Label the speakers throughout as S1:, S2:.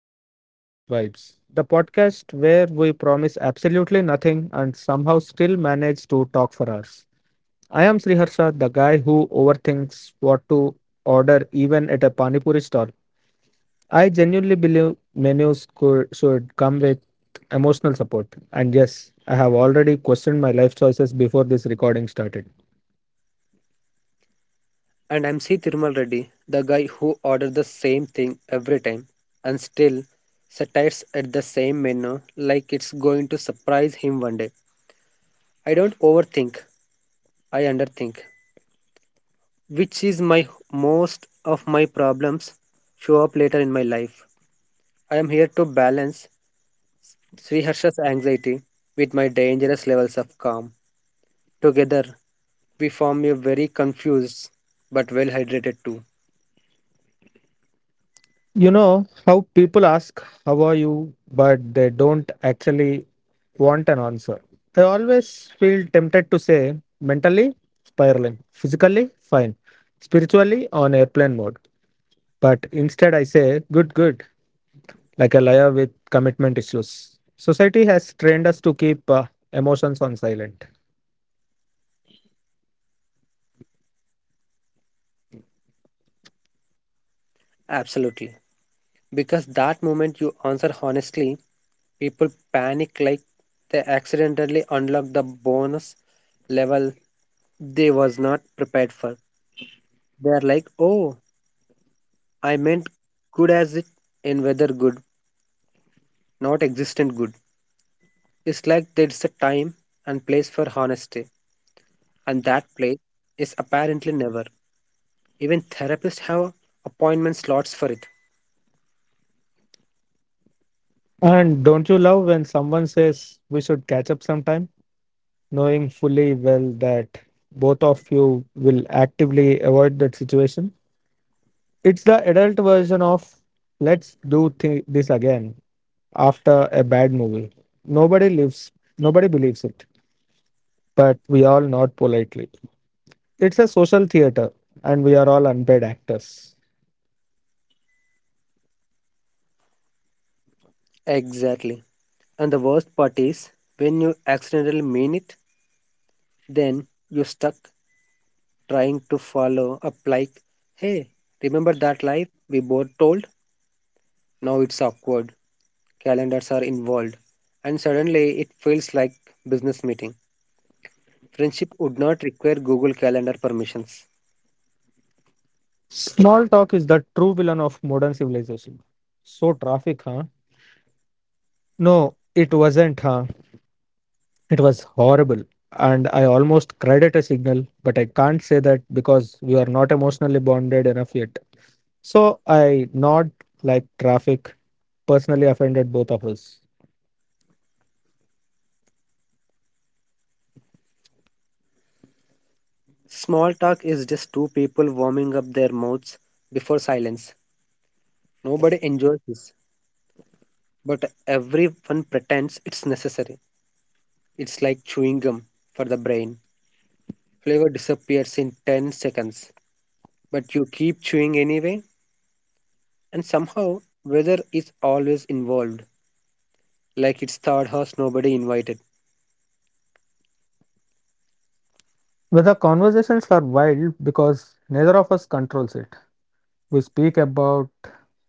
S1: Agenda, Just Vibes, the podcast where we promise absolutely nothing and somehow still manage to talk for hours. I am Sriharsha, the guy who overthinks what to order even at a Panipuri stall. I genuinely believe menus should come with emotional support. And yes, I have already questioned my life choices before this recording started.
S2: And I'm C. Thirumal Reddy, the guy who orders the same thing every time and still satires at the same menu like it's going to surprise him one day. I don't overthink, I underthink, which is my most of my problems show up later in my life. I am here to balance Sriharsha's anxiety with my dangerous levels of calm. Together, we form a very confused but well hydrated too.
S1: You know how people ask, "How are you?" but they don't actually want an answer. I always feel tempted to say, mentally, spiraling, physically, fine, spiritually, on airplane mode. But instead, I say, good, good, like a liar with commitment issues. Society has trained us to keep emotions on silent.
S2: Absolutely. Because that moment you answer honestly, people panic like they accidentally unlock the bonus level they was not prepared for. They are like, oh, I meant good as it in whether good, not existent good. It's like there's a time and place for honesty, and that place is apparently never. Even therapists have appointment slots for it.
S1: And don't you love when someone says we should catch up sometime, knowing fully well that both of you will actively avoid that situation? It's the adult version of let's do this again after a bad movie. Nobody lives, nobody believes it, but we all nod politely. It's a social theater, and we are all unpaid actors.
S2: Exactly. And the worst part is when you accidentally mean it, then you stuck trying to follow up like, hey, remember that lie we both told? Now it's awkward. Calendars are involved. And suddenly it feels like business meeting. Friendship would not require Google Calendar permissions.
S1: Small talk is the true villain of modern civilization. So, traffic, huh? No, it wasn't, huh? It was horrible, and I almost cried at a signal, but I can't say that because we are not emotionally bonded enough yet. So I nod like traffic personally offended both of us.
S2: Small talk is just two people warming up their mouths before silence. Nobody enjoys this, but everyone pretends it's necessary. It's like chewing gum for the brain. Flavor disappears in 10 seconds, but you keep chewing anyway. And somehow, weather is always involved, like it's third house nobody invited.
S1: But the conversations are wild because neither of us controls it. We speak about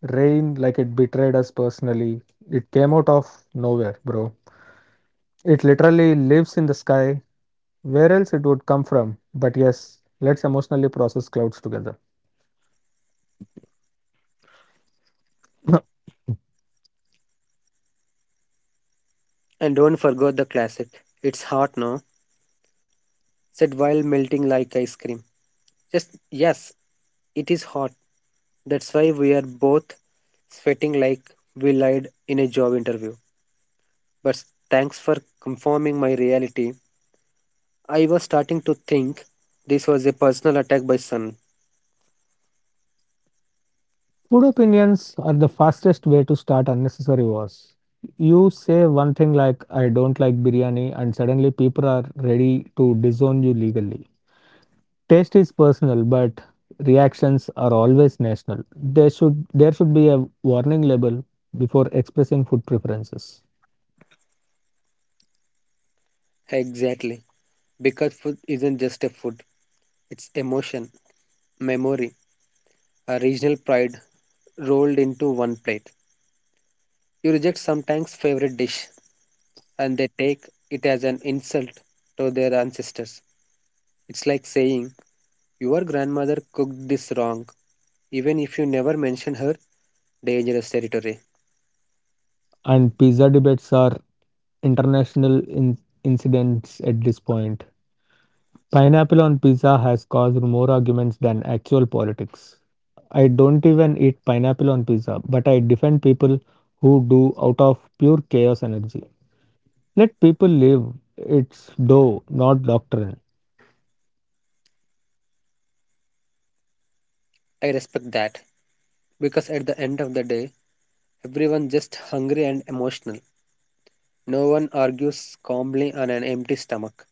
S1: rain like it betrayed us personally. It came out of nowhere, bro. It literally lives in the sky. Where else it would come from? But yes, let's emotionally process clouds together.
S2: And don't forget the classic, it's hot now, said while melting like ice cream. Just yes, it is hot. That's why we are both sweating like we lied in a job interview. But thanks for confirming my reality. I was starting to think this was a personal attack by sun.
S1: Food opinions are the fastest way to start unnecessary wars. You say one thing like, I don't like biryani, and suddenly people are ready to disown you legally. Taste is personal, but reactions are always national. There should be a warning label before expressing food preferences.
S2: Exactly. Because food isn't just a food, it's emotion, memory, a regional pride, rolled into one plate. You reject sometimes favorite dish and they take it as an insult to their ancestors. It's like saying, your grandmother cooked this wrong, even if you never mention her dangerous territory.
S1: And pizza debates are international incidents at this point. Pineapple on pizza has caused more arguments than actual politics. I don't even eat pineapple on pizza, but I defend people who do out of pure chaos energy. Let people live. It's dough, not doctrine.
S2: I respect that because at the end of the day, everyone just hungry and emotional. No one argues calmly on an empty stomach.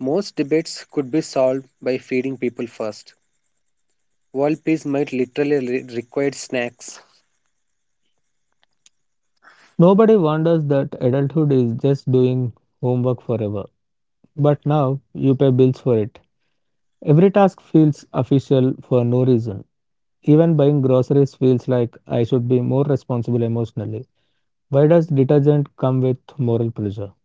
S2: Most debates could be solved by feeding people first. World peace might literally require snacks.
S1: Nobody wonders that adulthood is just doing homework forever. But now you pay bills for it. Every task feels official for no reason. Even buying groceries feels like I should be more responsible emotionally. Why does detergent come with moral pressure?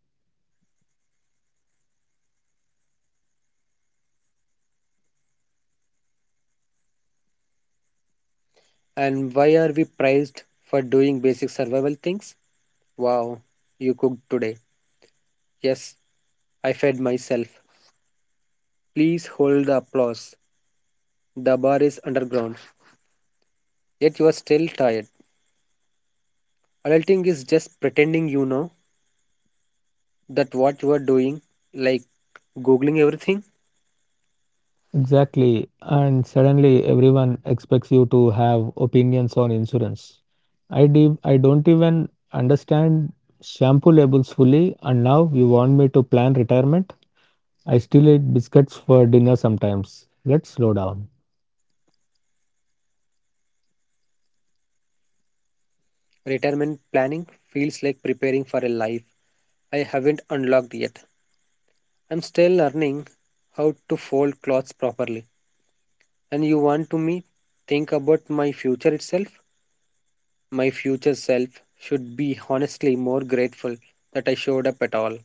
S2: And why are we praised for doing basic survival things? Wow, you cooked today. Yes, I fed myself. Please hold the applause. The bar is underground, yet you are still tired. Adulting is just pretending you know that what you are doing, like googling everything.
S1: Exactly. And suddenly everyone expects you to have opinions on insurance. I don't even understand shampoo labels fully, and now you want me to plan retirement? I still eat biscuits for dinner sometimes. Let's slow down.
S2: Retirement planning feels like preparing for a life I haven't unlocked yet. I'm still learning how to fold clothes properly. And you want to me think about my future itself? My future self should be honestly more grateful that I showed up at all.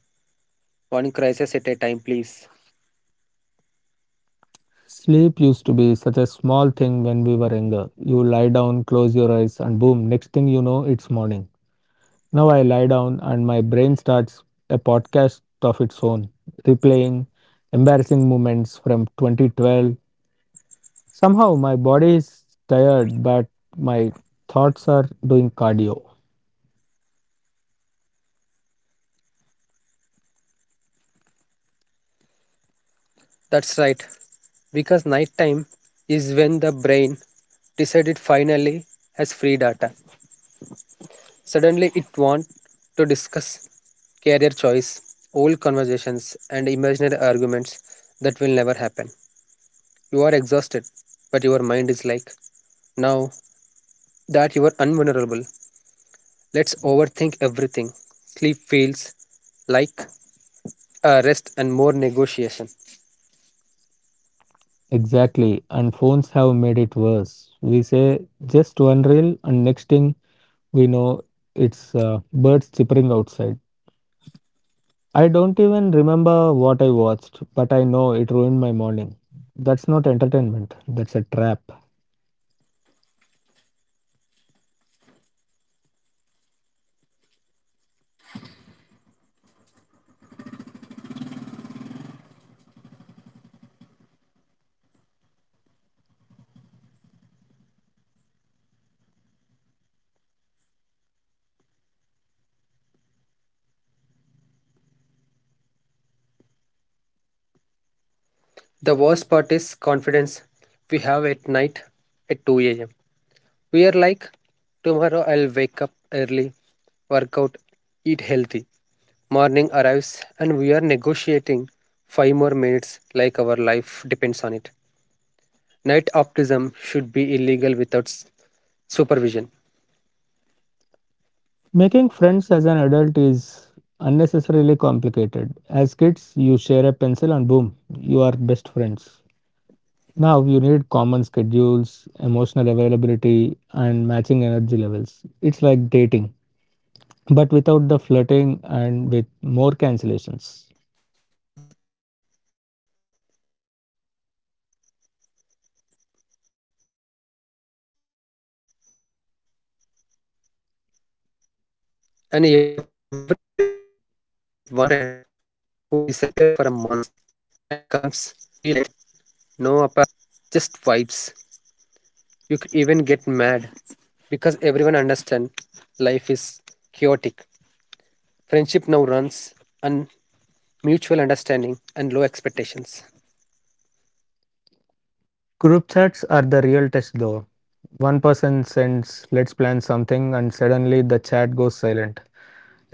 S2: One crisis at a time, please.
S1: Sleep used to be such a small thing when we were younger. You lie down, close your eyes, and boom, next thing you know, it's morning. Now I lie down and my brain starts a podcast of its own, replaying embarrassing moments from 2012. Somehow my body is tired, but my thoughts are doing cardio.
S2: That's right, because nighttime is when the brain decided finally has free data. Suddenly, it wants to discuss career choice, old conversations, and imaginary arguments that will never happen. You are exhausted, but your mind is like, now that you are unvulnerable, let's overthink everything. Sleep feels like rest and more negotiation.
S1: Exactly, and phones have made it worse. We say just one reel, and next thing we know, it's birds chirping outside. I don't even remember what I watched, but I know it ruined my morning. That's not entertainment, that's a trap.
S2: The worst part is confidence we have at night at 2 a.m. We are like, tomorrow I'll wake up early, work out, eat healthy. Morning arrives and we are negotiating 5 more minutes like our life depends on it. Night optimism should be illegal without supervision.
S1: Making friends as an adult is unnecessarily complicated. As kids, you share a pencil and boom, you are best friends. Now you need common schedules, emotional availability, and matching energy levels. It's like dating, but without the flirting and with more cancellations.
S2: And every friendship group has that one friend who disappears for a month and comes be liking nothing happened. No explanation, no apology, just vibes. You can't even get mad because everyone understands life is chaotic. Friendship now runs on mutual understanding and low expectations.
S1: Group chats are the real test though. One person sends, let's plan something, and suddenly the chat goes silent.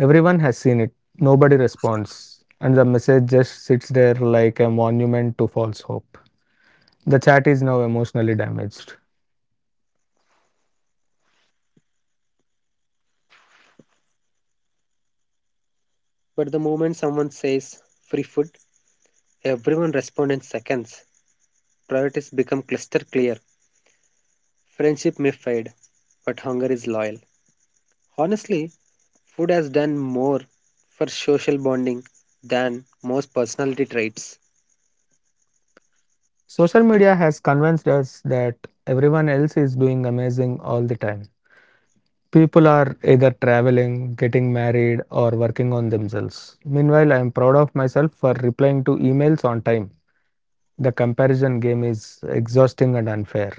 S1: Everyone has seen it. Nobody responds. And the message just sits there like a monument to false hope. The chat is now emotionally damaged.
S2: But the moment someone says free food, everyone responds in seconds. Priorities become cluster clear. Friendship may fade, but hunger is loyal. Honestly, food has done more for social bonding than most personality traits.
S1: Social media has convinced us that everyone else is doing amazing all the time. People are either traveling, getting married, or working on themselves. Meanwhile, I am proud of myself for replying to emails on time. The comparison game is exhausting and unfair.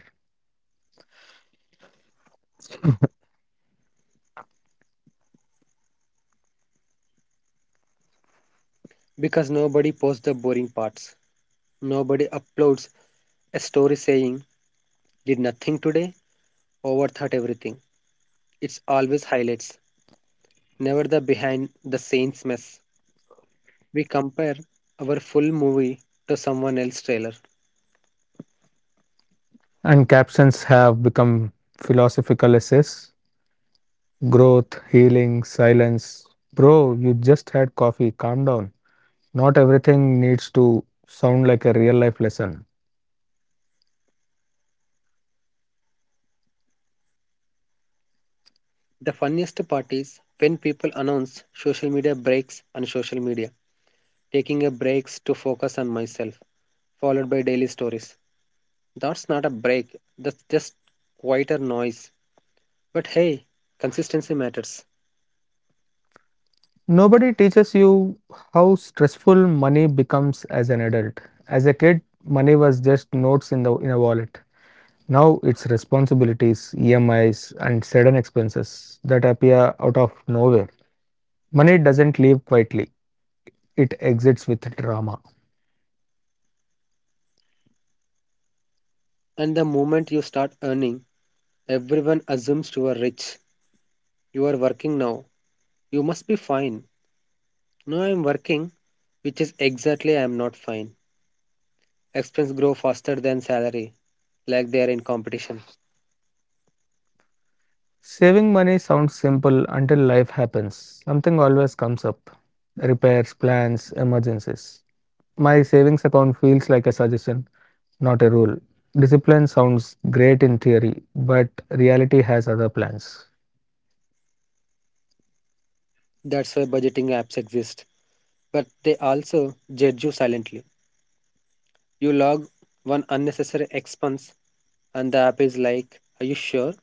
S2: Because nobody posts the boring parts. Nobody uploads a story saying, did nothing today, overthought everything. It's always highlights, never the behind the scenes mess. We compare our full movie to someone else's trailer.
S1: And captions have become philosophical essays: growth, healing, silence. Bro, you just had coffee. Calm down. Not everything needs to sound like a real life lesson.
S2: The funniest part is when people announce social media breaks on social media, taking a breaks to focus on myself, followed by daily stories. That's not a break, that's just quieter noise. But hey, consistency matters.
S1: Nobody teaches you how stressful money becomes as an adult. As a kid, money was just notes in a wallet. Now it's responsibilities, EMIs, and sudden expenses that appear out of nowhere. Money doesn't leave quietly. It exits with drama.
S2: And the moment you start earning, everyone assumes you are rich. You are working now. You must be fine. No, I am working, which is exactly I am not fine. Expense grow faster than salary, like they are in competition.
S1: Saving money sounds simple until life happens. Something always comes up: repairs, plans, emergencies. My savings account feels like a suggestion, not a rule. Discipline sounds great in theory, but reality has other plans.
S2: That's why budgeting apps exist. But they also judge you silently. You log one unnecessary expense and the app is like, are you sure?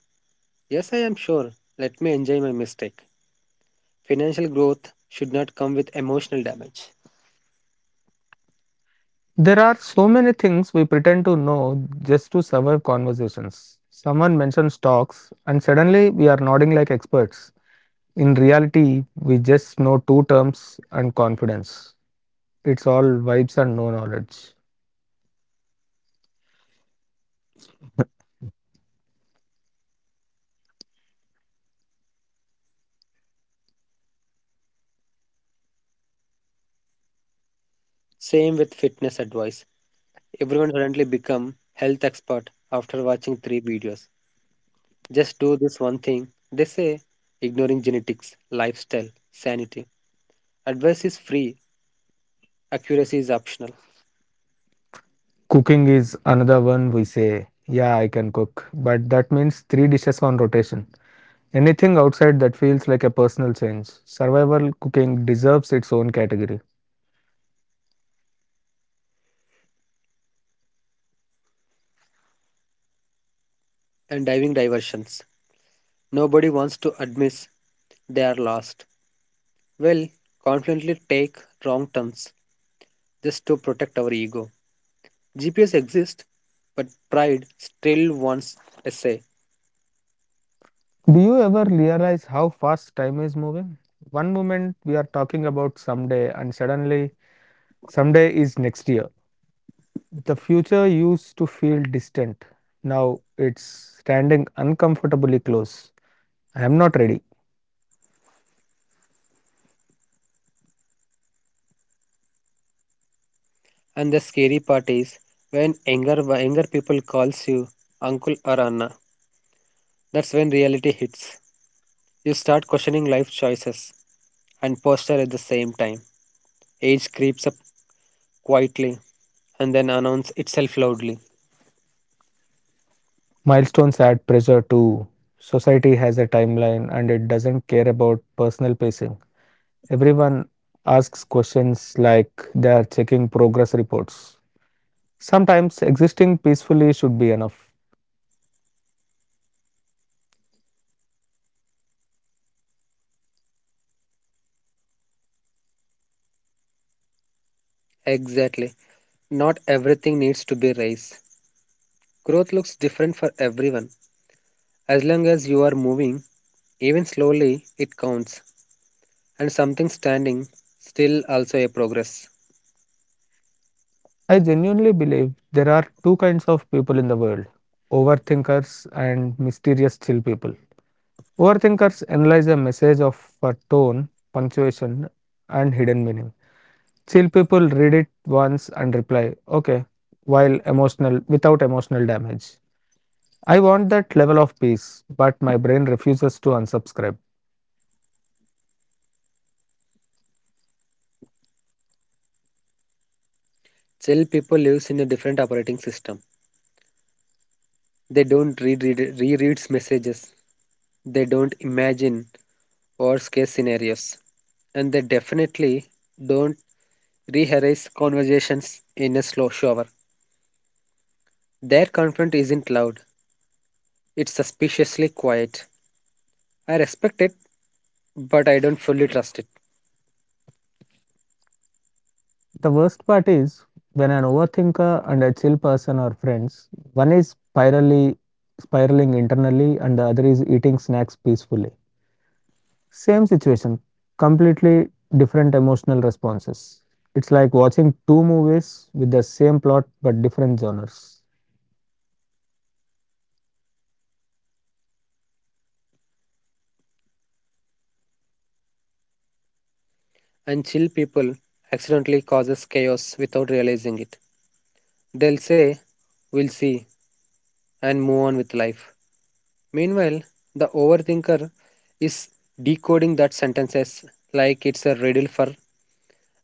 S2: Yes, I am sure. Let me enjoy my mistake. Financial growth should not come with emotional damage.
S1: There are so many things we pretend to know just to survive conversations. Someone mentions stocks, and suddenly we are nodding like experts. In reality, we just know two terms and confidence. It's all vibes and no knowledge.
S2: Same with fitness advice. Everyone suddenly become health expert after watching 3 videos. Just do this one thing, they say, ignoring genetics, lifestyle, sanity. Advice is free, accuracy is optional,
S1: Cooking is another one. We say, yeah, I can cook, but that means three dishes on rotation. Anything outside that feels like a personal change. Survival cooking deserves its own category.
S2: and diving diversions. Nobody wants to admit they are lost. Well, confidently take wrong turns just to protect our ego. GPS exists, but pride still wants a say.
S1: Do you ever realize how fast time is moving? One moment we are talking about someday, and suddenly someday is next year. The future used to feel distant. Now it's standing uncomfortably close. I am not ready.
S2: And the scary part is when younger people calls you uncle or Anna, that's when reality hits. You start questioning life choices and posture at the same time. Age creeps up quietly and then announces itself loudly.
S1: Milestones add pressure too. Society has a timeline and it doesn't care about personal pacing. Everyone asks questions like they are checking progress reports. Sometimes existing peacefully should be enough.
S2: Exactly. Not everything needs to be race. Growth looks different for everyone. As long as you are moving, even slowly, it counts. And something standing still also a progress.
S1: I genuinely believe there are two kinds of people in the world: overthinkers and mysterious chill people. Overthinkers analyze a message of a tone, punctuation, and hidden meaning. Chill people read it once and reply, okay, while emotional, without emotional damage. I want that level of peace, but my brain refuses to unsubscribe.
S2: Still people lives in a different operating system. They don't read rereads messages. They don't imagine worst case scenarios. And they definitely don't rehearse conversations in a slow shower. Their confront isn't loud, it's suspiciously quiet. I respect it, but I don't fully trust it.
S1: The worst part is when an overthinker and a chill person are friends, one is spirally spiraling internally and the other is eating snacks peacefully. Same situation, completely different emotional responses. It's like watching two movies with the same plot but different genres.
S2: And chill people accidentally causes chaos without realizing it. They'll say, we'll see, and move on with life. Meanwhile, the overthinker is decoding that sentences like it's a riddle for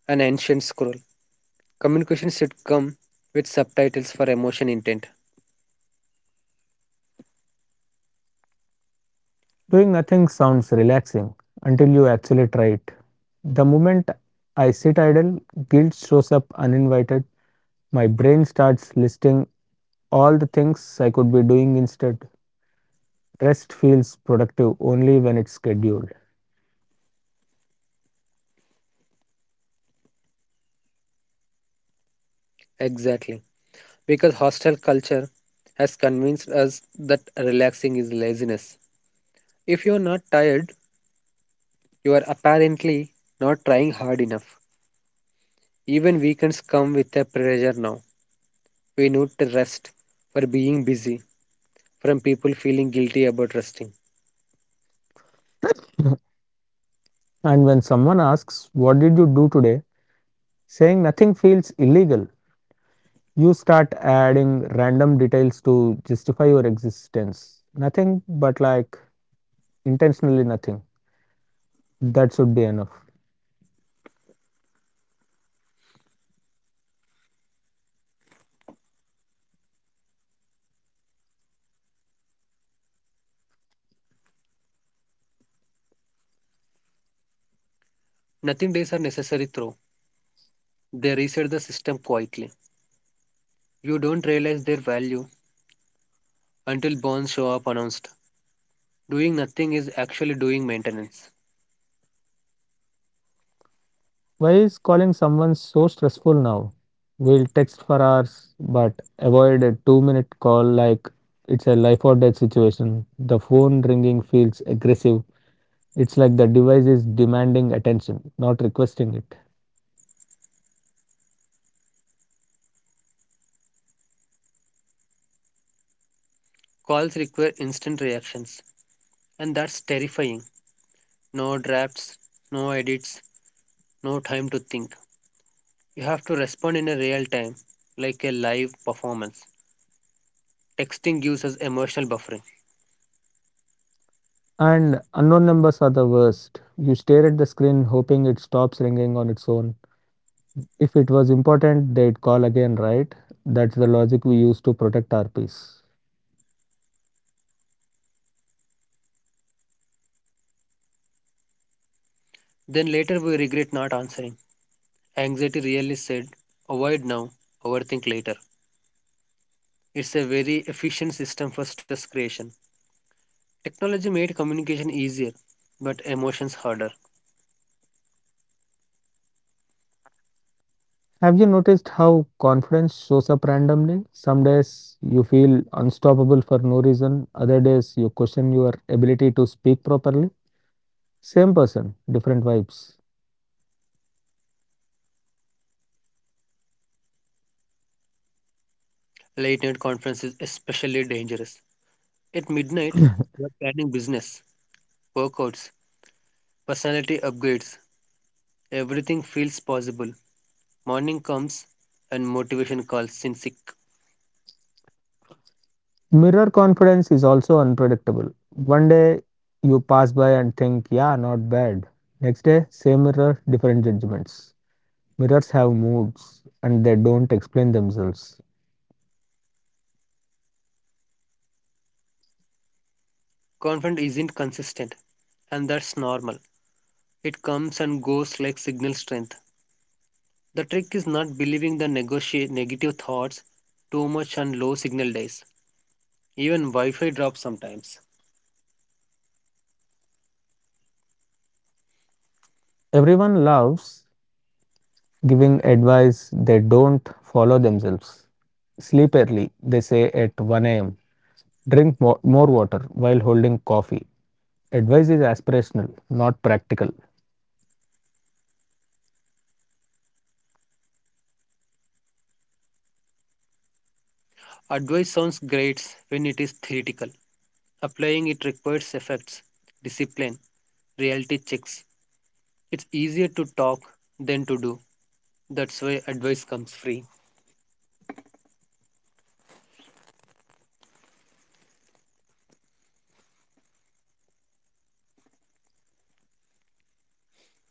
S2: an ancient scroll. Communication should come with subtitles for emotion intent.
S1: Doing nothing sounds relaxing until you actually try it. The moment I sit idle, guilt shows up uninvited. My brain starts listing all the things I could be doing instead. Rest feels productive only when it's scheduled.
S2: Exactly. Because hostile culture has convinced us that relaxing is laziness. If you're not tired, you are apparently not trying hard enough. Even weekends come with a pressure now. We need to rest for being busy, from people feeling guilty about resting.
S1: And when someone asks, What did you do today? Saying nothing feels illegal. You start adding random details to justify your existence. Nothing, but like intentionally nothing. That should be enough.
S2: Nothing days are necessary through. They reset the system quietly. You don't realize their value until bonds show up announced. Doing nothing is actually doing maintenance.
S1: Why is calling someone so stressful now? We'll text for hours, but avoid a 2 minute call like it's a life or death situation. The phone ringing feels aggressive. It's like the device is demanding attention, not requesting it.
S2: Calls require instant reactions, and that's terrifying. No drafts, no edits, no time to think. You have to respond in a real time, like a live performance. Texting gives us emotional buffering.
S1: And unknown numbers are the worst. You stare at the screen hoping it stops ringing on its own. If it was important, they'd call again, right? That's the logic we use to protect our peace.
S2: Then later we regret not answering. Anxiety really said, avoid now, overthink later. It's a very efficient system for stress creation. Technology made communication easier, but emotions harder.
S1: Have you noticed how confidence shows up randomly? Some days you feel unstoppable for no reason, other days you question your ability to speak properly. Same person, different vibes.
S2: Late night conference is especially dangerous. At midnight, you're planning business, workouts, personality upgrades. Everything feels possible. Morning comes and motivation calls since
S1: Mirror confidence is also unpredictable. One day you pass by and think, yeah, not bad. Next day, same mirror, different judgments. Mirrors have moods and they don't explain themselves.
S2: confidence isn't consistent, and that's normal. It comes and goes like signal strength. The trick is not believing the negotiate negative thoughts too much on low signal days. Even Wi Fi drops sometimes.
S1: Everyone loves giving advice they don't follow themselves. Sleep early, they say at 1 am. Drink more water while holding coffee. Advice is aspirational, not practical.
S2: Advice sounds great when it is theoretical. Applying it requires effects, discipline, reality checks. It's easier to talk than to do. That's why advice comes free.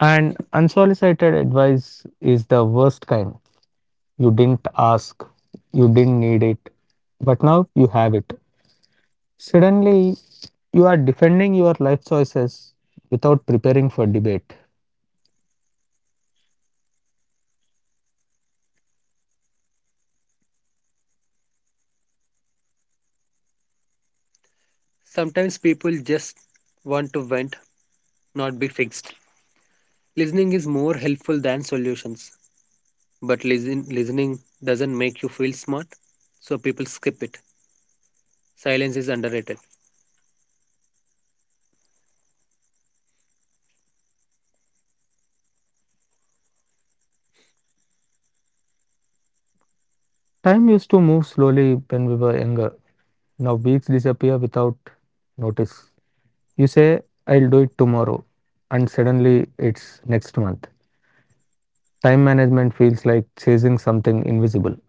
S1: And unsolicited advice is the worst kind. You didn't ask, you didn't need it, but now you have it. Suddenly, you are defending your life choices without preparing for debate.
S2: Sometimes people just want to vent, not be fixed. Listening is more helpful than solutions, but listening doesn't make you feel smart, so people skip it. Silence is underrated.
S1: Time used to move slowly when we were younger. Now weeks disappear without notice. You say, I'll do it tomorrow, and suddenly it's next month. Time management feels like chasing something invisible.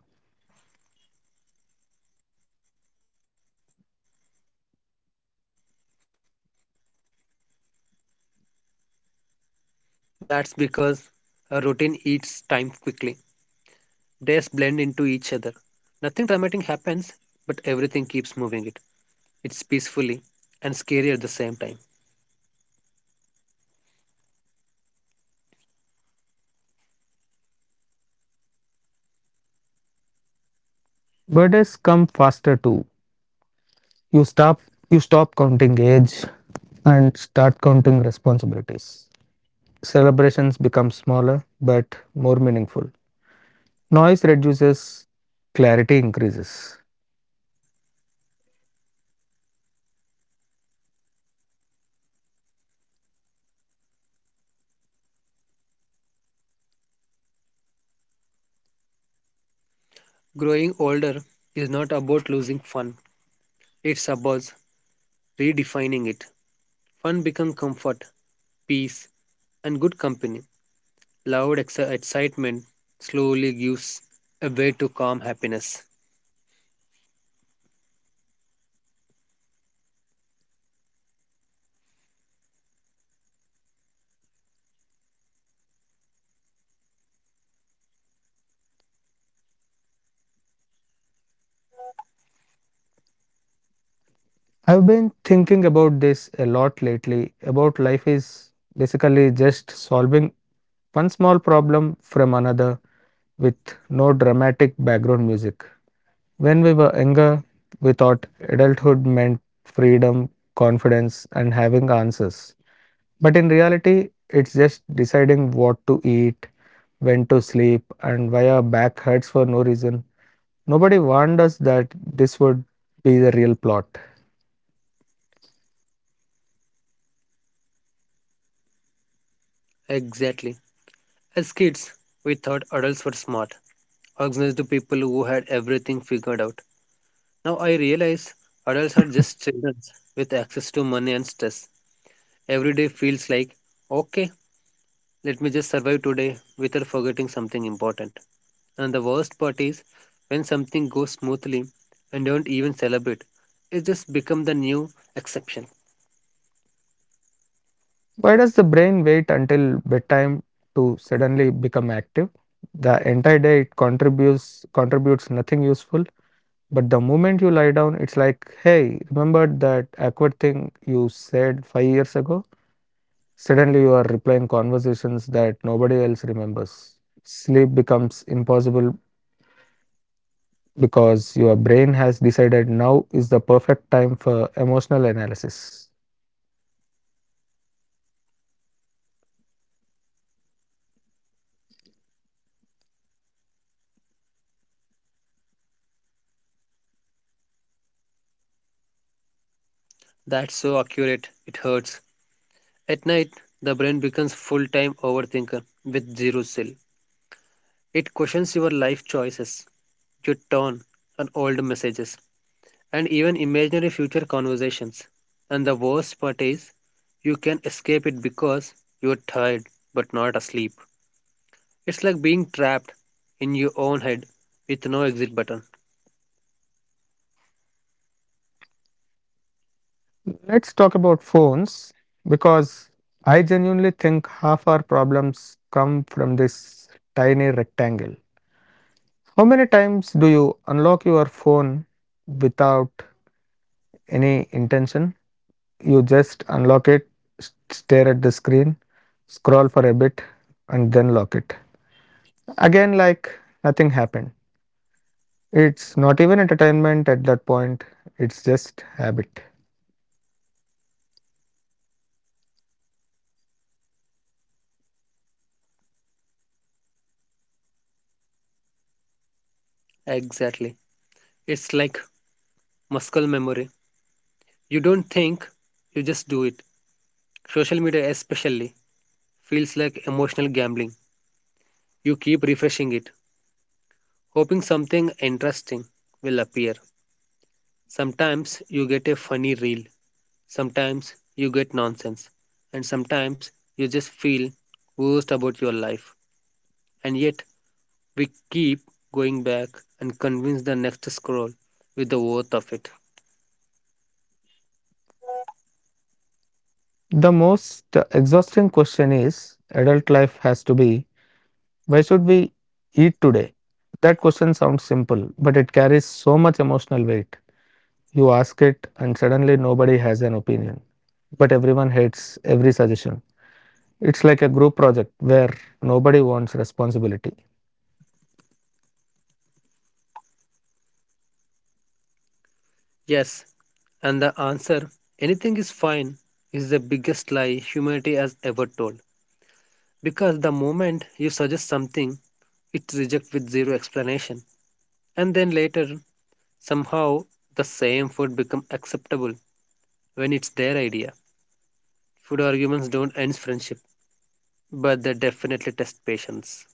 S2: That's because a routine eats time quickly. Days blend into each other. Nothing dramatic happens, but everything keeps moving it. It's peacefully and scary at the same time.
S1: Birthdays come faster too. You stop you stop counting age and start counting responsibilities. Celebrations become smaller but more meaningful. Noise reduces, clarity increases.
S2: Growing older is not about losing fun, it's about redefining it. Fun becomes comfort, peace, and good company. Loud excitement slowly gives a way to calm happiness.
S1: I've been thinking about this a lot lately, about life is basically just solving one small problem from another with no dramatic background music. When we were younger, we thought adulthood meant freedom, confidence, and having answers. But in reality, it's just deciding what to eat, when to sleep, and why our back hurts for no reason. Nobody warned us that this would be the real plot.
S2: Exactly. As kids, we thought adults were smart, organized to people who had everything figured out. Now I realize adults are just children with access to money and stress. Every day feels like, okay, let me just survive today without forgetting something important. And the worst part is when something goes smoothly and don't even celebrate, it just becomes the new exception.
S1: Why does the brain wait until bedtime to suddenly become active? The entire day it contributes nothing useful, but the moment you lie down, it's like, hey, remember that awkward thing you said 5 years ago? Suddenly you are replying conversations that nobody else remembers. Sleep becomes impossible because your brain has decided now is the perfect time for emotional analysis.
S2: That's so accurate, it hurts. At night, the brain becomes full time overthinker with zero chill. It questions your life choices, your tone, and old messages, and even imaginary future conversations. And the worst part is, you can escape it because you're tired but not asleep. It's like being trapped in your own head with no exit button.
S1: Let's talk about phones, because I genuinely think half our problems come from this tiny rectangle. How many times do you unlock your phone without any intention? You just unlock it, stare at the screen, scroll for a bit, and then lock it again, like nothing happened. It's not even entertainment at that point, it's just habit.
S2: Exactly. It's like muscle memory. You don't think, you just do it. Social media, especially, feels like emotional gambling. You keep refreshing it, hoping something interesting will appear. Sometimes you get a funny reel. Sometimes you get nonsense, and sometimes you just feel worst about your life. And yet we keep going back and convince the next scroll with the worth of it.
S1: The most exhausting question is adult life has to be, why should we eat today? That question sounds simple, but it carries so much emotional weight. You ask it, and suddenly nobody has an opinion, but everyone hates every suggestion. It's like a group project where nobody wants responsibility.
S2: Yes, and the answer anything is fine is the biggest lie humanity has ever told. Because the moment you suggest something, it's rejects with zero explanation. And then later, somehow, the same food become acceptable when it's their idea. Food arguments don't end friendship, but they definitely test patience.